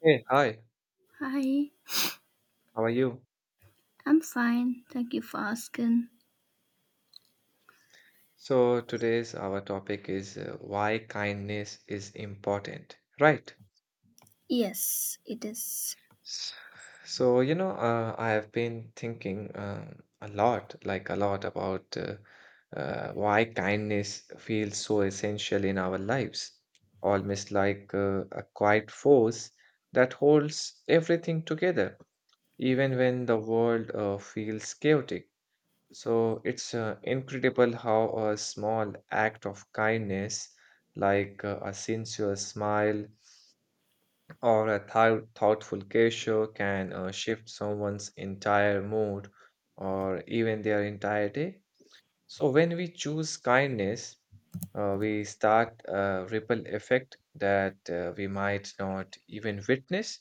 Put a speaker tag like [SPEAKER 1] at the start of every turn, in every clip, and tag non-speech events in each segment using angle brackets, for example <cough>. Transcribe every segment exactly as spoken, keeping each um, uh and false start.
[SPEAKER 1] Hey, hi,
[SPEAKER 2] Hi,
[SPEAKER 1] how are you?
[SPEAKER 2] I'm fine. Thank you for asking.
[SPEAKER 1] So, today's our topic is uh, why kindness is important, right?
[SPEAKER 2] Yes, it is.
[SPEAKER 1] S- So, you know, uh, I have been thinking um, a lot, like a lot about uh, uh, why kindness feels so essential in our lives, almost like uh, a quiet force that holds everything together, even when the world uh, feels chaotic. So it's uh, incredible how a small act of kindness, like uh, a sincere smile or a thou- thoughtful gesture, can uh, shift someone's entire mood or even their entire day. So when we choose kindness, uh, we start a ripple effect that uh, we might not even witness,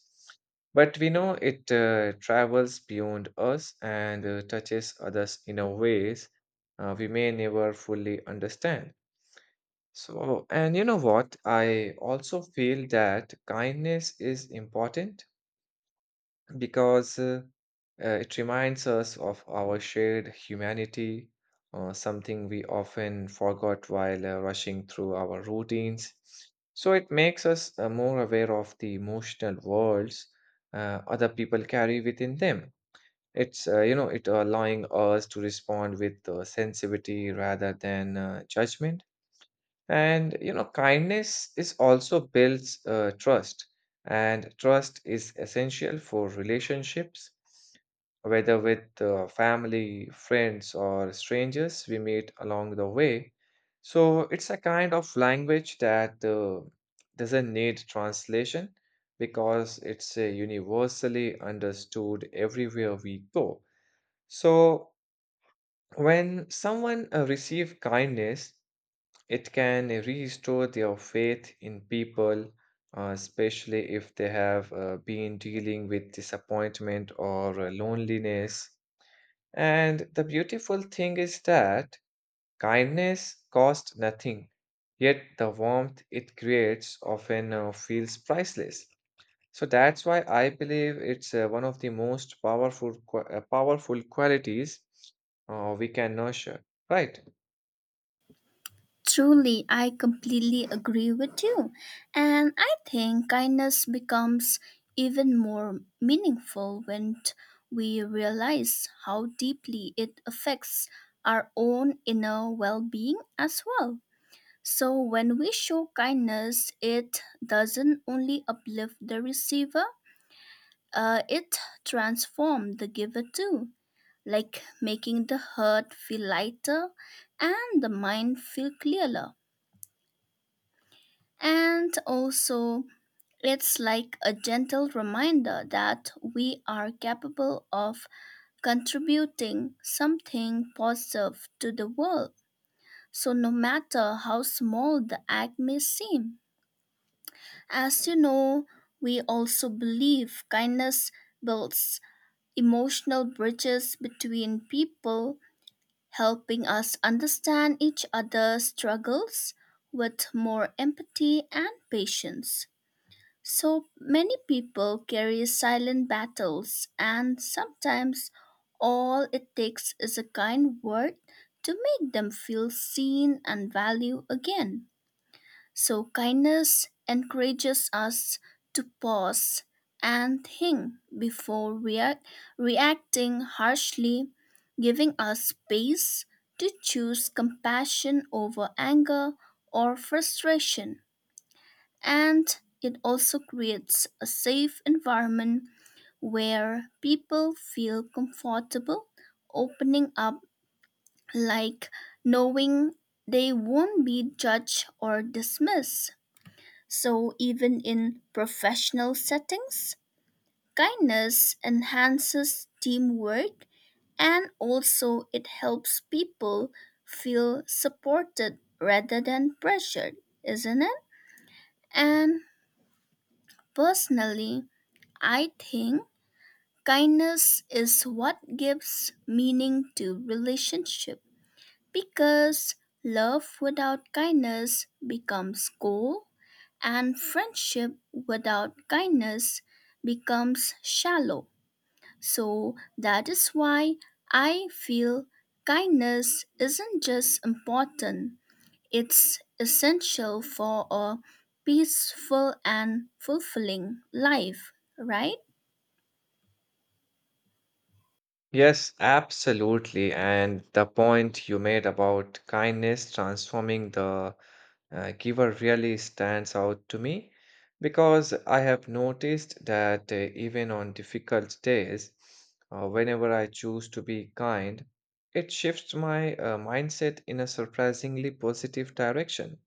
[SPEAKER 1] but we know it uh, travels beyond us and uh, touches others in a ways uh, we may never fully understand. So, and you know what? I also feel that kindness is important because uh, uh, it reminds us of our shared humanity, uh, something we often forgot while uh, rushing through our routines. So it makes us uh, more aware of the emotional worlds uh, other people carry within them. It's uh, you know it allowing us to respond with uh, sensitivity rather than uh, judgment. And you know, kindness is also builds uh, trust, and trust is essential for relationships, whether with uh, family, friends, or strangers we meet along the way. So it's a kind of language that uh, doesn't need translation because it's uh, universally understood everywhere we go. So when someone uh, receive kindness, it can restore their faith in people, uh, especially if they have uh, been dealing with disappointment or uh, loneliness. And the beautiful thing is that kindness costs nothing, yet the warmth it creates often uh, feels priceless. So that's why I believe it's uh, one of the most powerful, qua- uh, powerful qualities uh, we can nurture, right?
[SPEAKER 2] Truly, I completely agree with you. And I think kindness becomes even more meaningful when t- we realize how deeply it affects our own inner well being as well. So, when we show kindness, it doesn't only uplift the receiver, uh, it transforms the giver too, like making the heart feel lighter and the mind feel clearer. And also, it's like a gentle reminder that we are capable of contributing something positive to the world. So, no matter how small the act may seem, as you know, we also believe kindness builds emotional bridges between people, helping us understand each other's struggles with more empathy and patience. So many people carry silent battles, and sometimes all it takes is a kind word to make them feel seen and valued again. So, kindness encourages us to pause and think before react, reacting harshly, giving us space to choose compassion over anger or frustration. And it also creates a safe environment where people feel comfortable opening up, like knowing they won't be judged or dismissed. So, even in professional settings, kindness enhances teamwork, and also it helps people feel supported rather than pressured, isn't it? And personally, I think kindness is what gives meaning to relationship. Because love without kindness becomes cold, and friendship without kindness becomes shallow. So that is why I feel kindness isn't just important, it's essential for a peaceful and fulfilling life, right?
[SPEAKER 1] Yes, absolutely. And the point you made about kindness transforming the uh, giver really stands out to me because I have noticed that uh, even on difficult days, uh, whenever I choose to be kind, it shifts my uh, mindset in a surprisingly positive direction.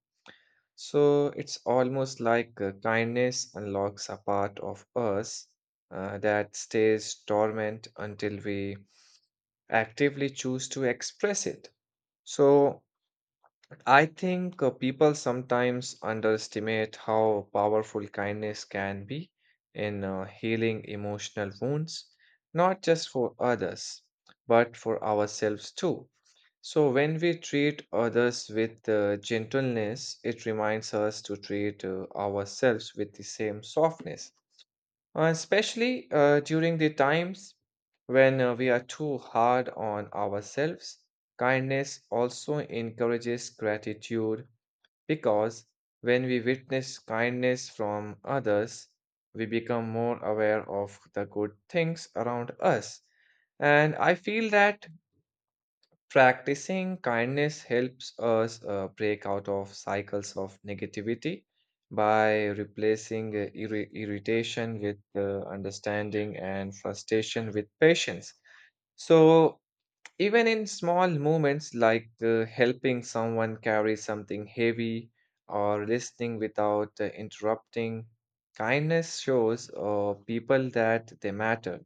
[SPEAKER 1] So it's almost like uh, kindness unlocks a part of us uh, that stays dormant until we actively choose to express it. So I think uh, people sometimes underestimate how powerful kindness can be in uh, healing emotional wounds, not just for others, but for ourselves too. So when we treat others with uh, gentleness, it reminds us to treat uh, ourselves with the same softness. Uh, especially uh, during the times when uh, we are too hard on ourselves. Kindness also encourages gratitude because when we witness kindness from others, we become more aware of the good things around us. And I feel that practicing kindness helps us uh, break out of cycles of negativity by replacing uh, irri- irritation with uh, understanding and frustration with patience. So, even in small moments like uh, helping someone carry something heavy or listening without uh, interrupting, kindness shows uh, people that they matter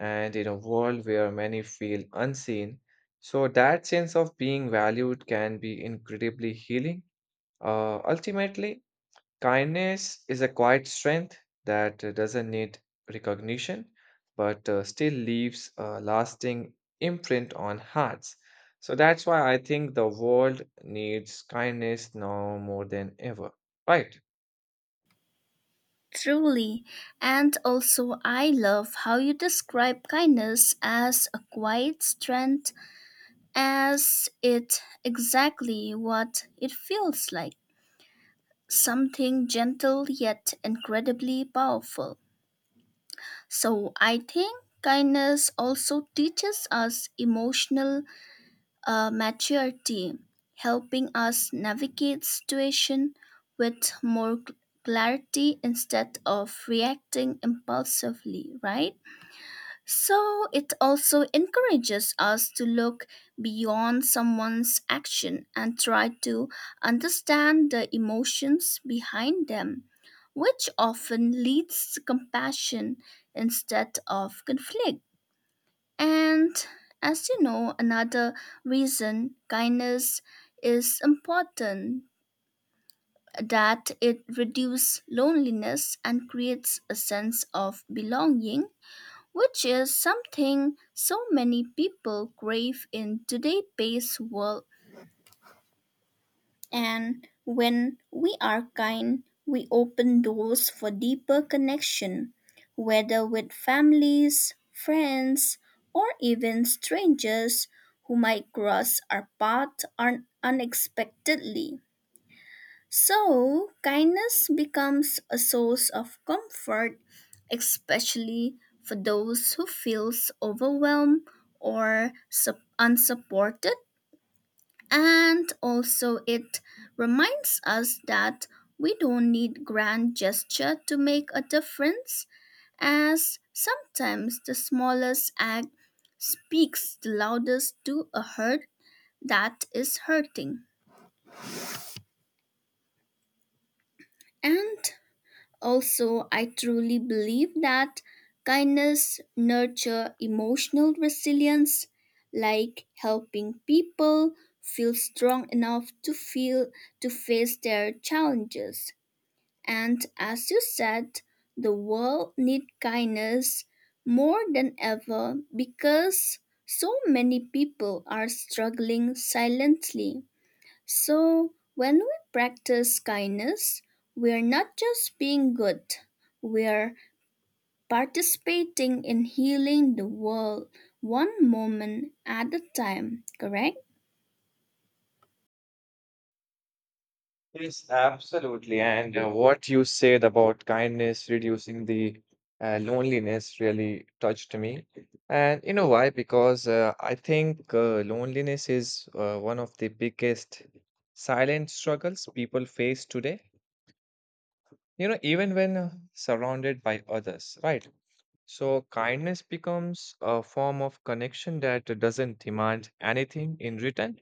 [SPEAKER 1] and in a world where many feel unseen. So, that sense of being valued can be incredibly healing. Uh, ultimately, kindness is a quiet strength that uh, doesn't need recognition, but uh, still leaves a lasting imprint on hearts. So that's why I think the world needs kindness now more than ever. Right?
[SPEAKER 2] Truly. And also, I love how you describe kindness as a quiet strength, as it exactly what it feels like, something gentle yet incredibly powerful. So I think kindness also teaches us emotional uh, maturity, helping us navigate situation with more clarity instead of reacting impulsively, right? So it also encourages us to look beyond someone's action and try to understand the emotions behind them, which often leads to compassion instead of conflict. And as you know, another reason kindness is important that it reduces loneliness and creates a sense of belonging, which is something so many people crave in today-based world. And when we are kind, we open doors for deeper connection, whether with families, friends, or even strangers who might cross our path un- unexpectedly. So, kindness becomes a source of comfort, especially for those who feels overwhelmed or sup- unsupported. And also, it reminds us that we don't need grand gesture to make a difference, as sometimes the smallest act speaks the loudest to a hurt that is hurting. And also, I truly believe that kindness nurture emotional resilience, like helping people feel strong enough to feel to face their challenges. And as you said, the world need kindness more than ever because so many people are struggling silently. So, when we practice kindness, we're not just being good, we're participating in healing the world one moment at a time, correct?
[SPEAKER 1] Yes, absolutely. And uh, what you said about kindness reducing the uh, loneliness really touched me. And you know why? Because uh, I think uh, loneliness is uh, one of the biggest silent struggles people face today. You know, even when uh, surrounded by others, right? So kindness becomes a form of connection that doesn't demand anything in return,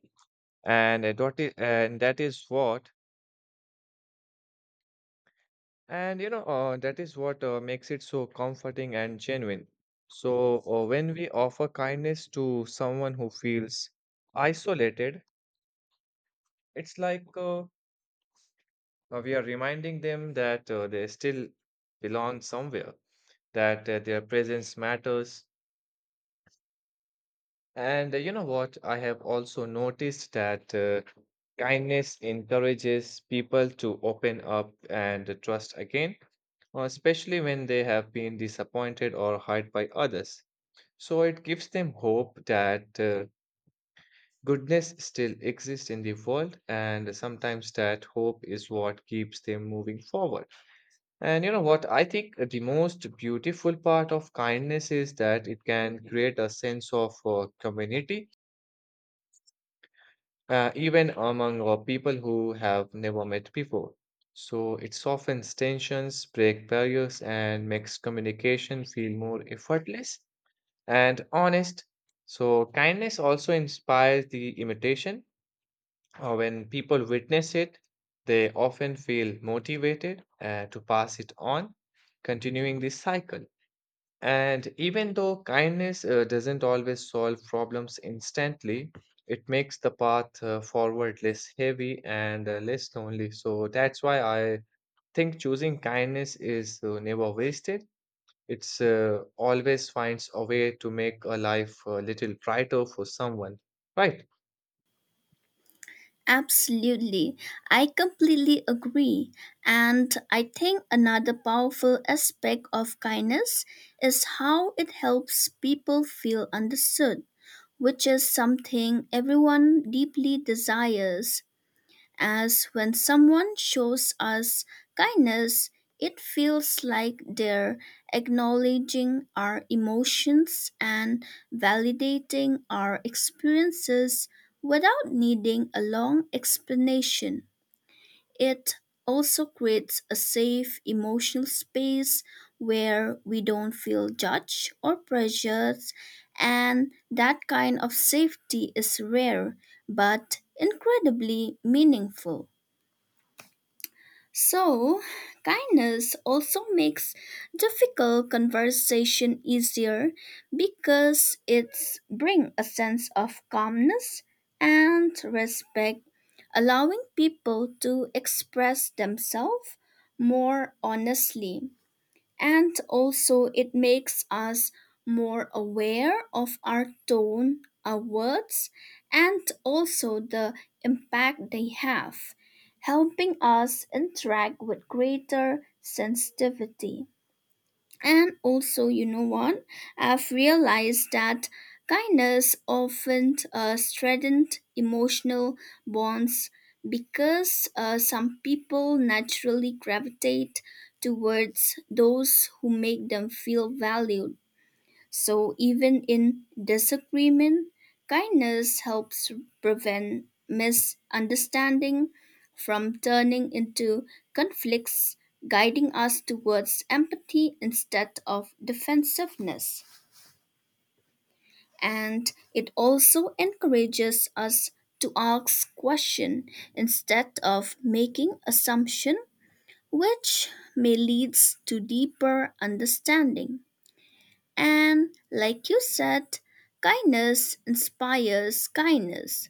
[SPEAKER 1] and uh, that is, and that is what And you know, uh, that is what uh, makes it so comforting and genuine. So, uh, when we offer kindness to someone who feels isolated, it's like uh, uh, we are reminding them that uh, they still belong somewhere, that uh, their presence matters. And uh, you know what? I have also noticed that uh, kindness encourages people to open up and trust again, uh, especially when they have been disappointed or hurt by others. So it gives them hope that uh, goodness still exists in the world, and sometimes that hope is what keeps them moving forward. And you know what? I think the most beautiful part of kindness is that it can create a sense of uh, community, uh, even among uh, people who have never met before. So it softens tensions, break barriers, and makes communication feel more effortless and honest. So, kindness also inspires the imitation. Uh, when people witness it, they often feel motivated uh, to pass it on, continuing this cycle. And even though kindness uh, doesn't always solve problems instantly, it makes the path uh, forward less heavy and uh, less lonely. So, that's why I think choosing kindness is uh, never wasted, it's uh, always finds a way to make a life a little brighter for someone, right?
[SPEAKER 2] Absolutely. I completely agree. And I think another powerful aspect of kindness is how it helps people feel understood, which is something everyone deeply desires, as when someone shows us kindness, it feels like they're acknowledging our emotions and validating our experiences without needing a long explanation. It also creates a safe emotional space where we don't feel judged or pressured, and that kind of safety is rare but incredibly meaningful. So, kindness also makes difficult conversation easier because it's bring a sense of calmness and respect, allowing people to express themselves more honestly, and also it makes us more aware of our tone, our words, and also the impact they have, helping us interact with greater sensitivity. And also, you know what? I've realized that kindness often uh, strengthens emotional bonds because uh, some people naturally gravitate towards those who make them feel valued. So even in disagreement, kindness helps prevent misunderstanding from turning into conflicts, guiding us towards empathy instead of defensiveness. And it also encourages us to ask question instead of making assumption, which may leads to deeper understanding. And like you said, kindness inspires kindness.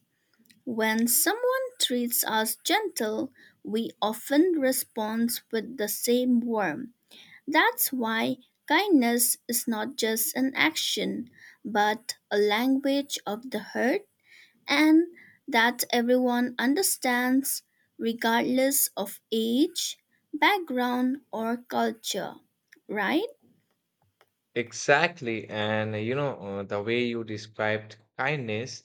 [SPEAKER 2] When someone treats us gentle, we often respond with the same warmth. That's why kindness is not just an action, but a language of the heart, and that everyone understands regardless of age, background, or culture, right?
[SPEAKER 1] Exactly. And uh, you know, uh, the way you described kindness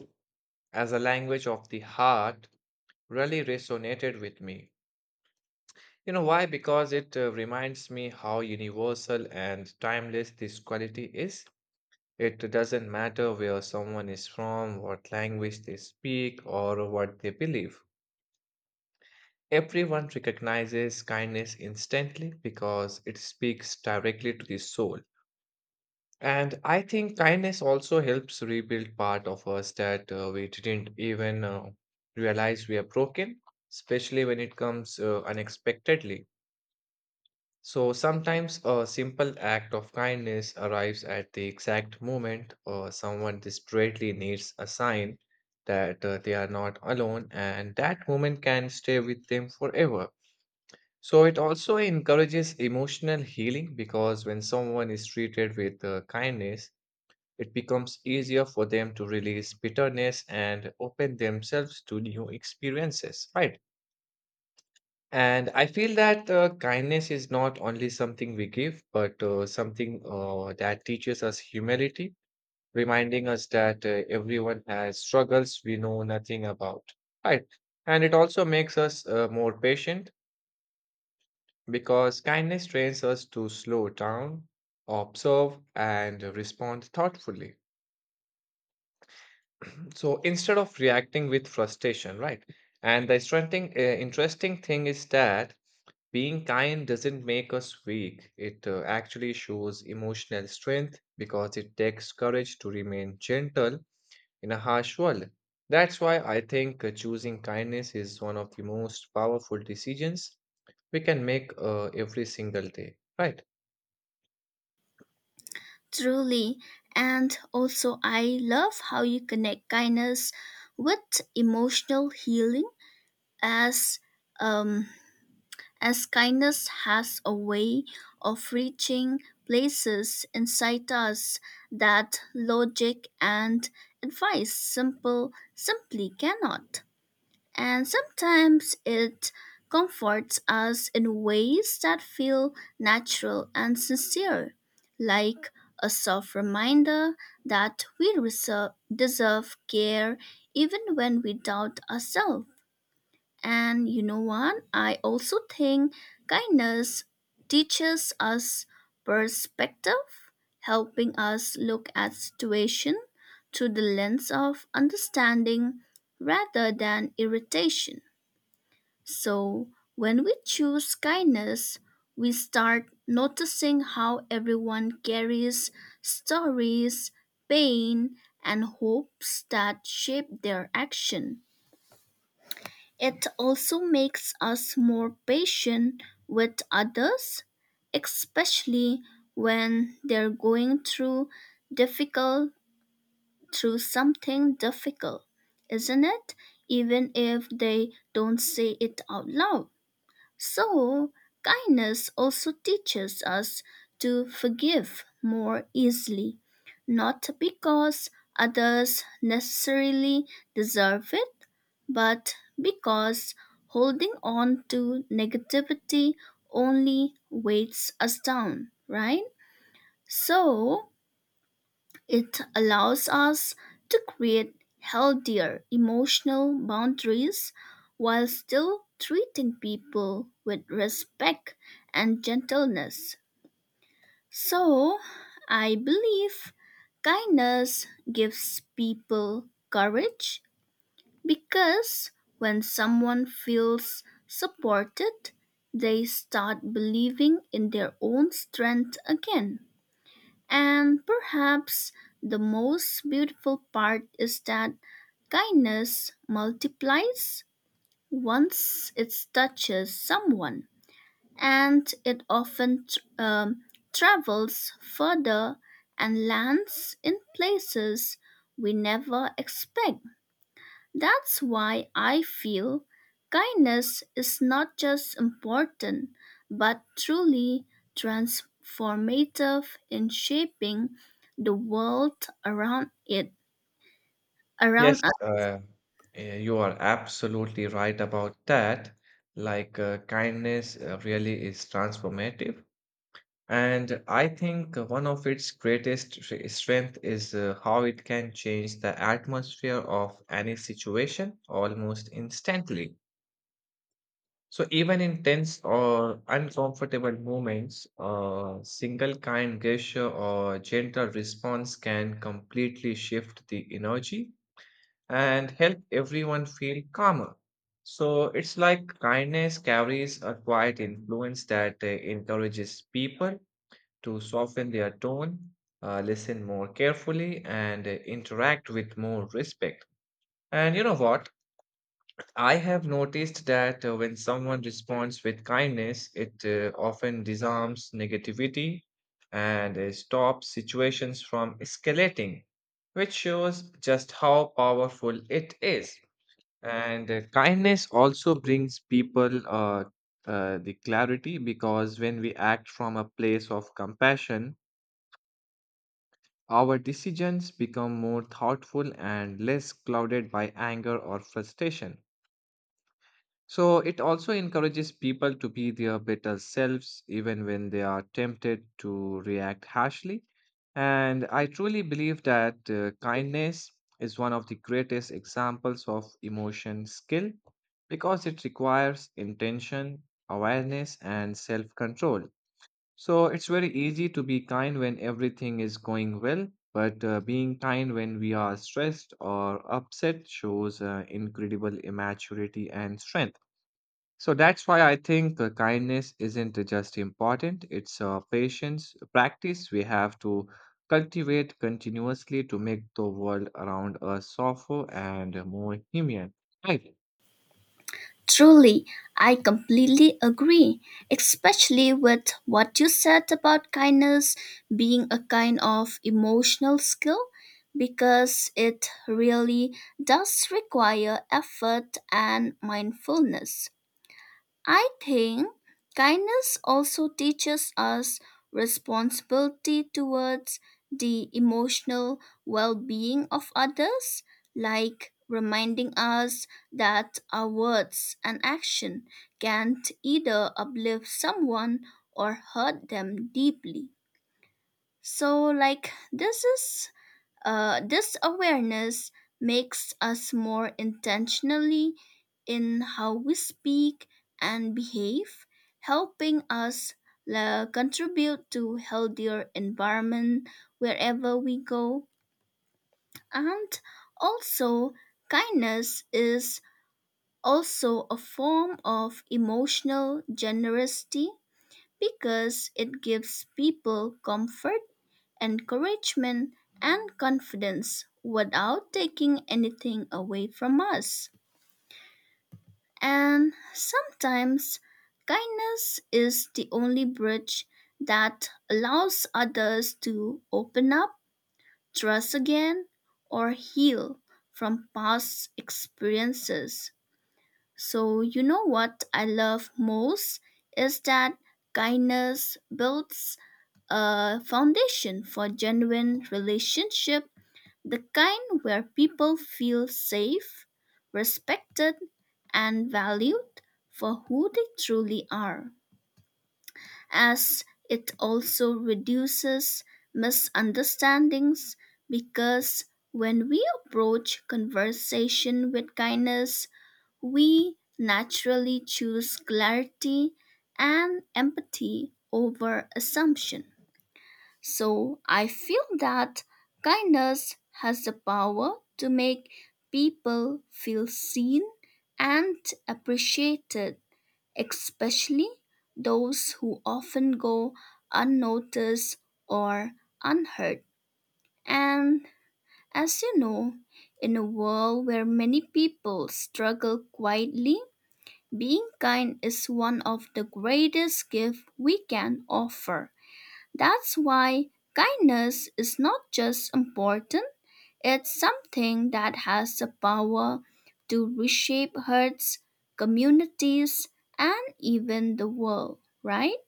[SPEAKER 1] as a language of the heart really resonated with me. You know why? Because it uh, reminds me how universal and timeless this quality is. It doesn't matter where someone is from, what language they speak, or what they believe. Everyone recognizes kindness instantly because it speaks directly to the soul. And I think kindness also helps rebuild part of us that uh, we didn't even uh, realize we are broken, especially when it comes uh, unexpectedly. So sometimes a simple act of kindness arrives at the exact moment or someone desperately needs a sign that uh, they are not alone, and that moment can stay with them forever. So it also encourages emotional healing because when someone is treated with uh, kindness, it becomes easier for them to release bitterness and open themselves to new experiences, right? And I feel that uh, kindness is not only something we give, but uh, something uh, that teaches us humility, reminding us that uh, everyone has struggles we know nothing about. Right. And it also makes us uh, more patient because kindness trains us to slow down, observe, and respond thoughtfully. <clears throat> So instead of reacting with frustration, right? And the interesting, uh, interesting thing is that being kind doesn't make us weak. It uh, actually shows emotional strength because it takes courage to remain gentle in a harsh world. That's why I think uh, choosing kindness is one of the most powerful decisions we can make uh, every single day, right?
[SPEAKER 2] Truly. And also, I love how you connect kindness with emotional healing, as um, as kindness has a way of reaching places inside us that logic and advice simple simply cannot, and sometimes it comforts us in ways that feel natural and sincere, like a soft reminder that we reser- deserve care even when we doubt ourselves. And you know what? I also think kindness teaches us perspective, helping us look at situation through the lens of understanding rather than irritation. So, when we choose kindness, we start noticing how everyone carries stories, pain, and hopes that shape their action. It also makes us more patient with others, especially when they're going through difficult through something difficult, isn't it? Even if they don't say it out loud. So, kindness also teaches us to forgive more easily, not because others necessarily deserve it, but because holding on to negativity only weights us down, right? So, it allows us to create healthier emotional boundaries while still treating people with respect and gentleness. So, I believe kindness gives people courage because when someone feels supported, they start believing in their own strength again. And perhaps the most beautiful part is that kindness multiplies once it touches someone, and it often um, travels further and lands in places we never expect. That's why I feel kindness is not just important, but truly transformative in shaping the world around it,
[SPEAKER 1] Yes.
[SPEAKER 2] around us.
[SPEAKER 1] Uh, eh, you are absolutely right about that. Like, uh, kindness uh, really is transformative. And I think one of its greatest stre- strength is uh, how it can change the atmosphere of any situation almost instantly. So even in tense or uncomfortable moments, a single kind gesture or gentle response can completely shift the energy and help everyone feel calmer. So it's like kindness carries a quiet influence that uh, encourages people to soften their tone, uh, listen more carefully, and uh, interact with more respect. And you know what? I have noticed that uh, when someone responds with kindness, it uh, often disarms negativity and uh, stops situations from escalating, which shows just how powerful it is. And uh, kindness also brings people uh, uh, the clarity because when we act from a place of compassion, our decisions become more thoughtful and less clouded by anger or frustration. So, it also encourages people to be their better selves even when they are tempted to react harshly. And I truly believe that uh, kindness is one of the greatest examples of emotion skill because it requires intention, awareness, and self control. So it's very easy to be kind when everything is going well, but uh, being kind when we are stressed or upset shows uh, incredible immaturity and strength. So that's why I think uh, kindness isn't just important, it's a patience practice we have to cultivate continuously to make the world around us softer and more human. Right.
[SPEAKER 2] Truly, I completely agree, especially with what you said about kindness being a kind of emotional skill because it really does require effort and mindfulness. I think kindness also teaches us responsibility towards the emotional well being of others, like reminding us that our words and action can't either uplift someone or hurt them deeply. So, like, this is uh, this awareness makes us more intentionally in how we speak and behave, helping us uh, contribute to healthier environment wherever we go. And also, kindness is also a form of emotional generosity because it gives people comfort, encouragement, and confidence without taking anything away from us. And sometimes kindness is the only bridge that allows others to open up, trust again, or heal from past experiences. So, you know what I love most is that kindness builds a foundation for genuine relationship, the kind where people feel safe, respected, and valued for who they truly are, as it also reduces misunderstandings because when we approach conversation with kindness, we naturally choose clarity and empathy over assumption. So I feel that kindness has the power to make people feel seen and appreciated, especially those who often go unnoticed or unheard. And as you know, in a world where many people struggle quietly, being kind is one of the greatest gifts we can offer. That's why kindness is not just important, it's something that has the power to reshape hearts, communities, and even the world, right?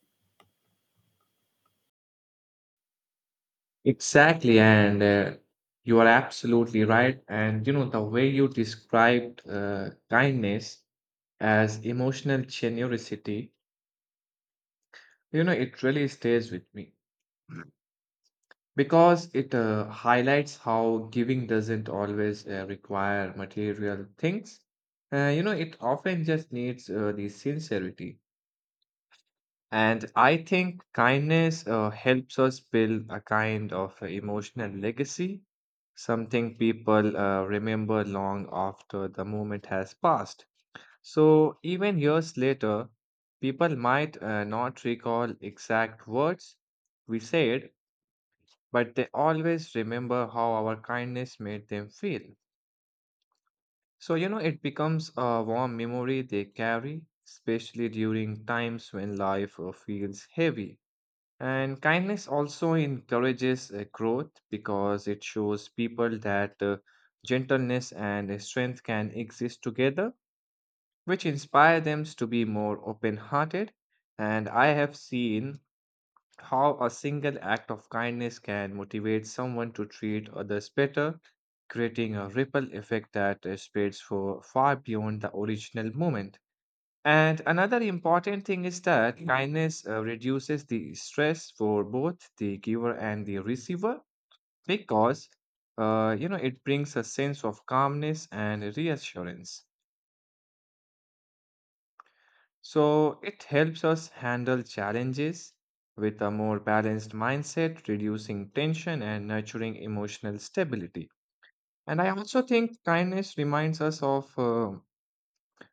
[SPEAKER 1] Exactly, and uh, you are absolutely right. And you know, the way you described uh, kindness as emotional generosity, you know, it really stays with me because it uh, highlights how giving doesn't always uh, require material things. Uh, you know, it often just needs uh, the sincerity. And I think kindness uh, helps us build a kind of uh, emotional legacy, something people uh, remember long after the moment has passed. So, even years later, people might uh, not recall exact words we said, but they always remember how our kindness made them feel. So, you know, it becomes a warm memory they carry, especially during times when life uh, feels heavy. And kindness also encourages uh, growth because it shows people that uh, gentleness and uh, strength can exist together, which inspire them to be more open hearted. And I have seen how a single act of kindness can motivate someone to treat others better, creating a ripple effect that uh, spreads for far beyond the original moment. And another important thing is that kindness uh, reduces the stress for both the giver and the receiver because uh, you know it brings a sense of calmness and reassurance. So it helps us handle challenges with a more balanced mindset, reducing tension and nurturing emotional stability. And I also think kindness reminds us of uh,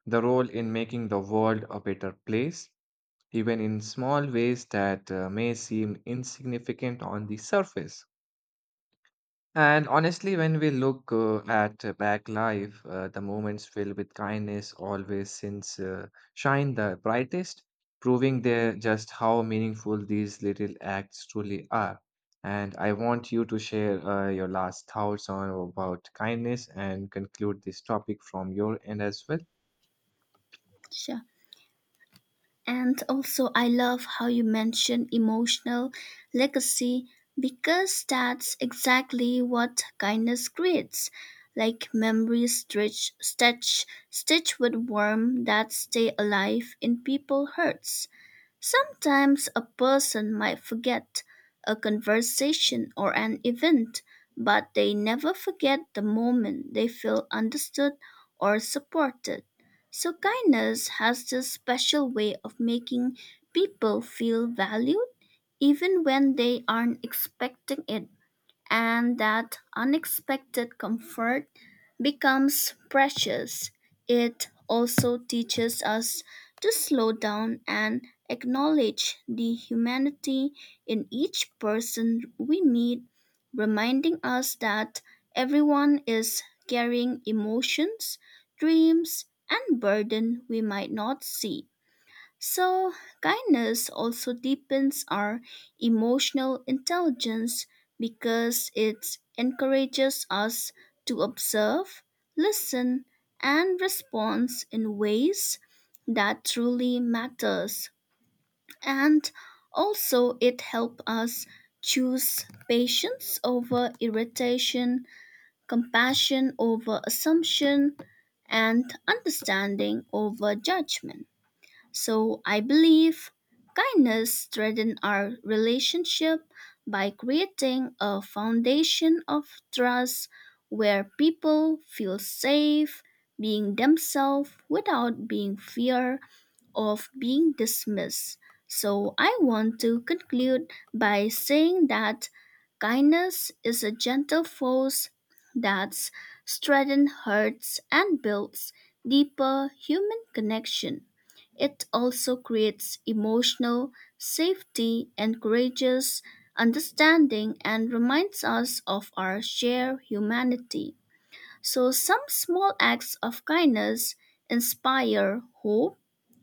[SPEAKER 1] the role in making the world a better place even in small ways that uh, may seem insignificant on the surface. And honestly, when we look uh, at uh, back life, uh, the moments filled with kindness always since uh, shine the brightest, proving there just how meaningful these little acts truly are. And I want you to share uh, your last thoughts on about kindness and conclude this topic from your end as well.
[SPEAKER 2] Sure. And also, I love how you mentioned emotional legacy because that's exactly what kindness creates. Like memories stretch, stitch, stitch with warmth that stay alive in people's hearts. Sometimes a person might forget a conversation or an event, but they never forget the moment they feel understood or supported. So, kindness has this special way of making people feel valued even when they aren't expecting it, and that unexpected comfort becomes precious. It also teaches us to slow down and acknowledge the humanity in each person we meet, reminding us that everyone is carrying emotions, dreams, and burden we might not see. So, kindness also deepens our emotional intelligence because it encourages us to observe, listen, and respond in ways that truly matters. And also it helps us choose patience over irritation, compassion over assumption, and understanding over judgment. So I believe kindness strengthens our relationship by creating a foundation of trust where people feel safe being themselves without being feared of being dismissed. So I want to conclude by saying that kindness is a gentle force that strengthens hearts and builds deeper human connection. It also creates emotional safety, encourages understanding, and reminds us of our shared humanity. So, some small acts of kindness inspire hope,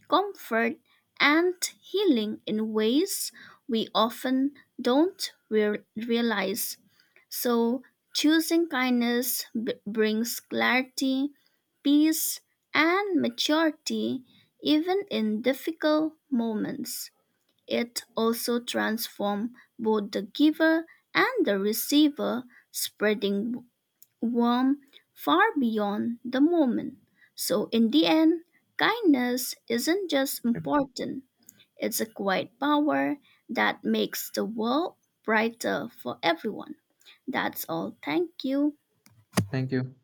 [SPEAKER 2] comfort, and healing in ways we often don't re- realize. So, choosing kindness b- brings clarity, peace, and maturity even in difficult moments. It also transforms both the giver and the receiver, spreading warm far beyond the moment. So, in the end, kindness isn't just important, it's a quiet power that makes the world brighter for everyone. That's all. Thank you.
[SPEAKER 1] Thank you.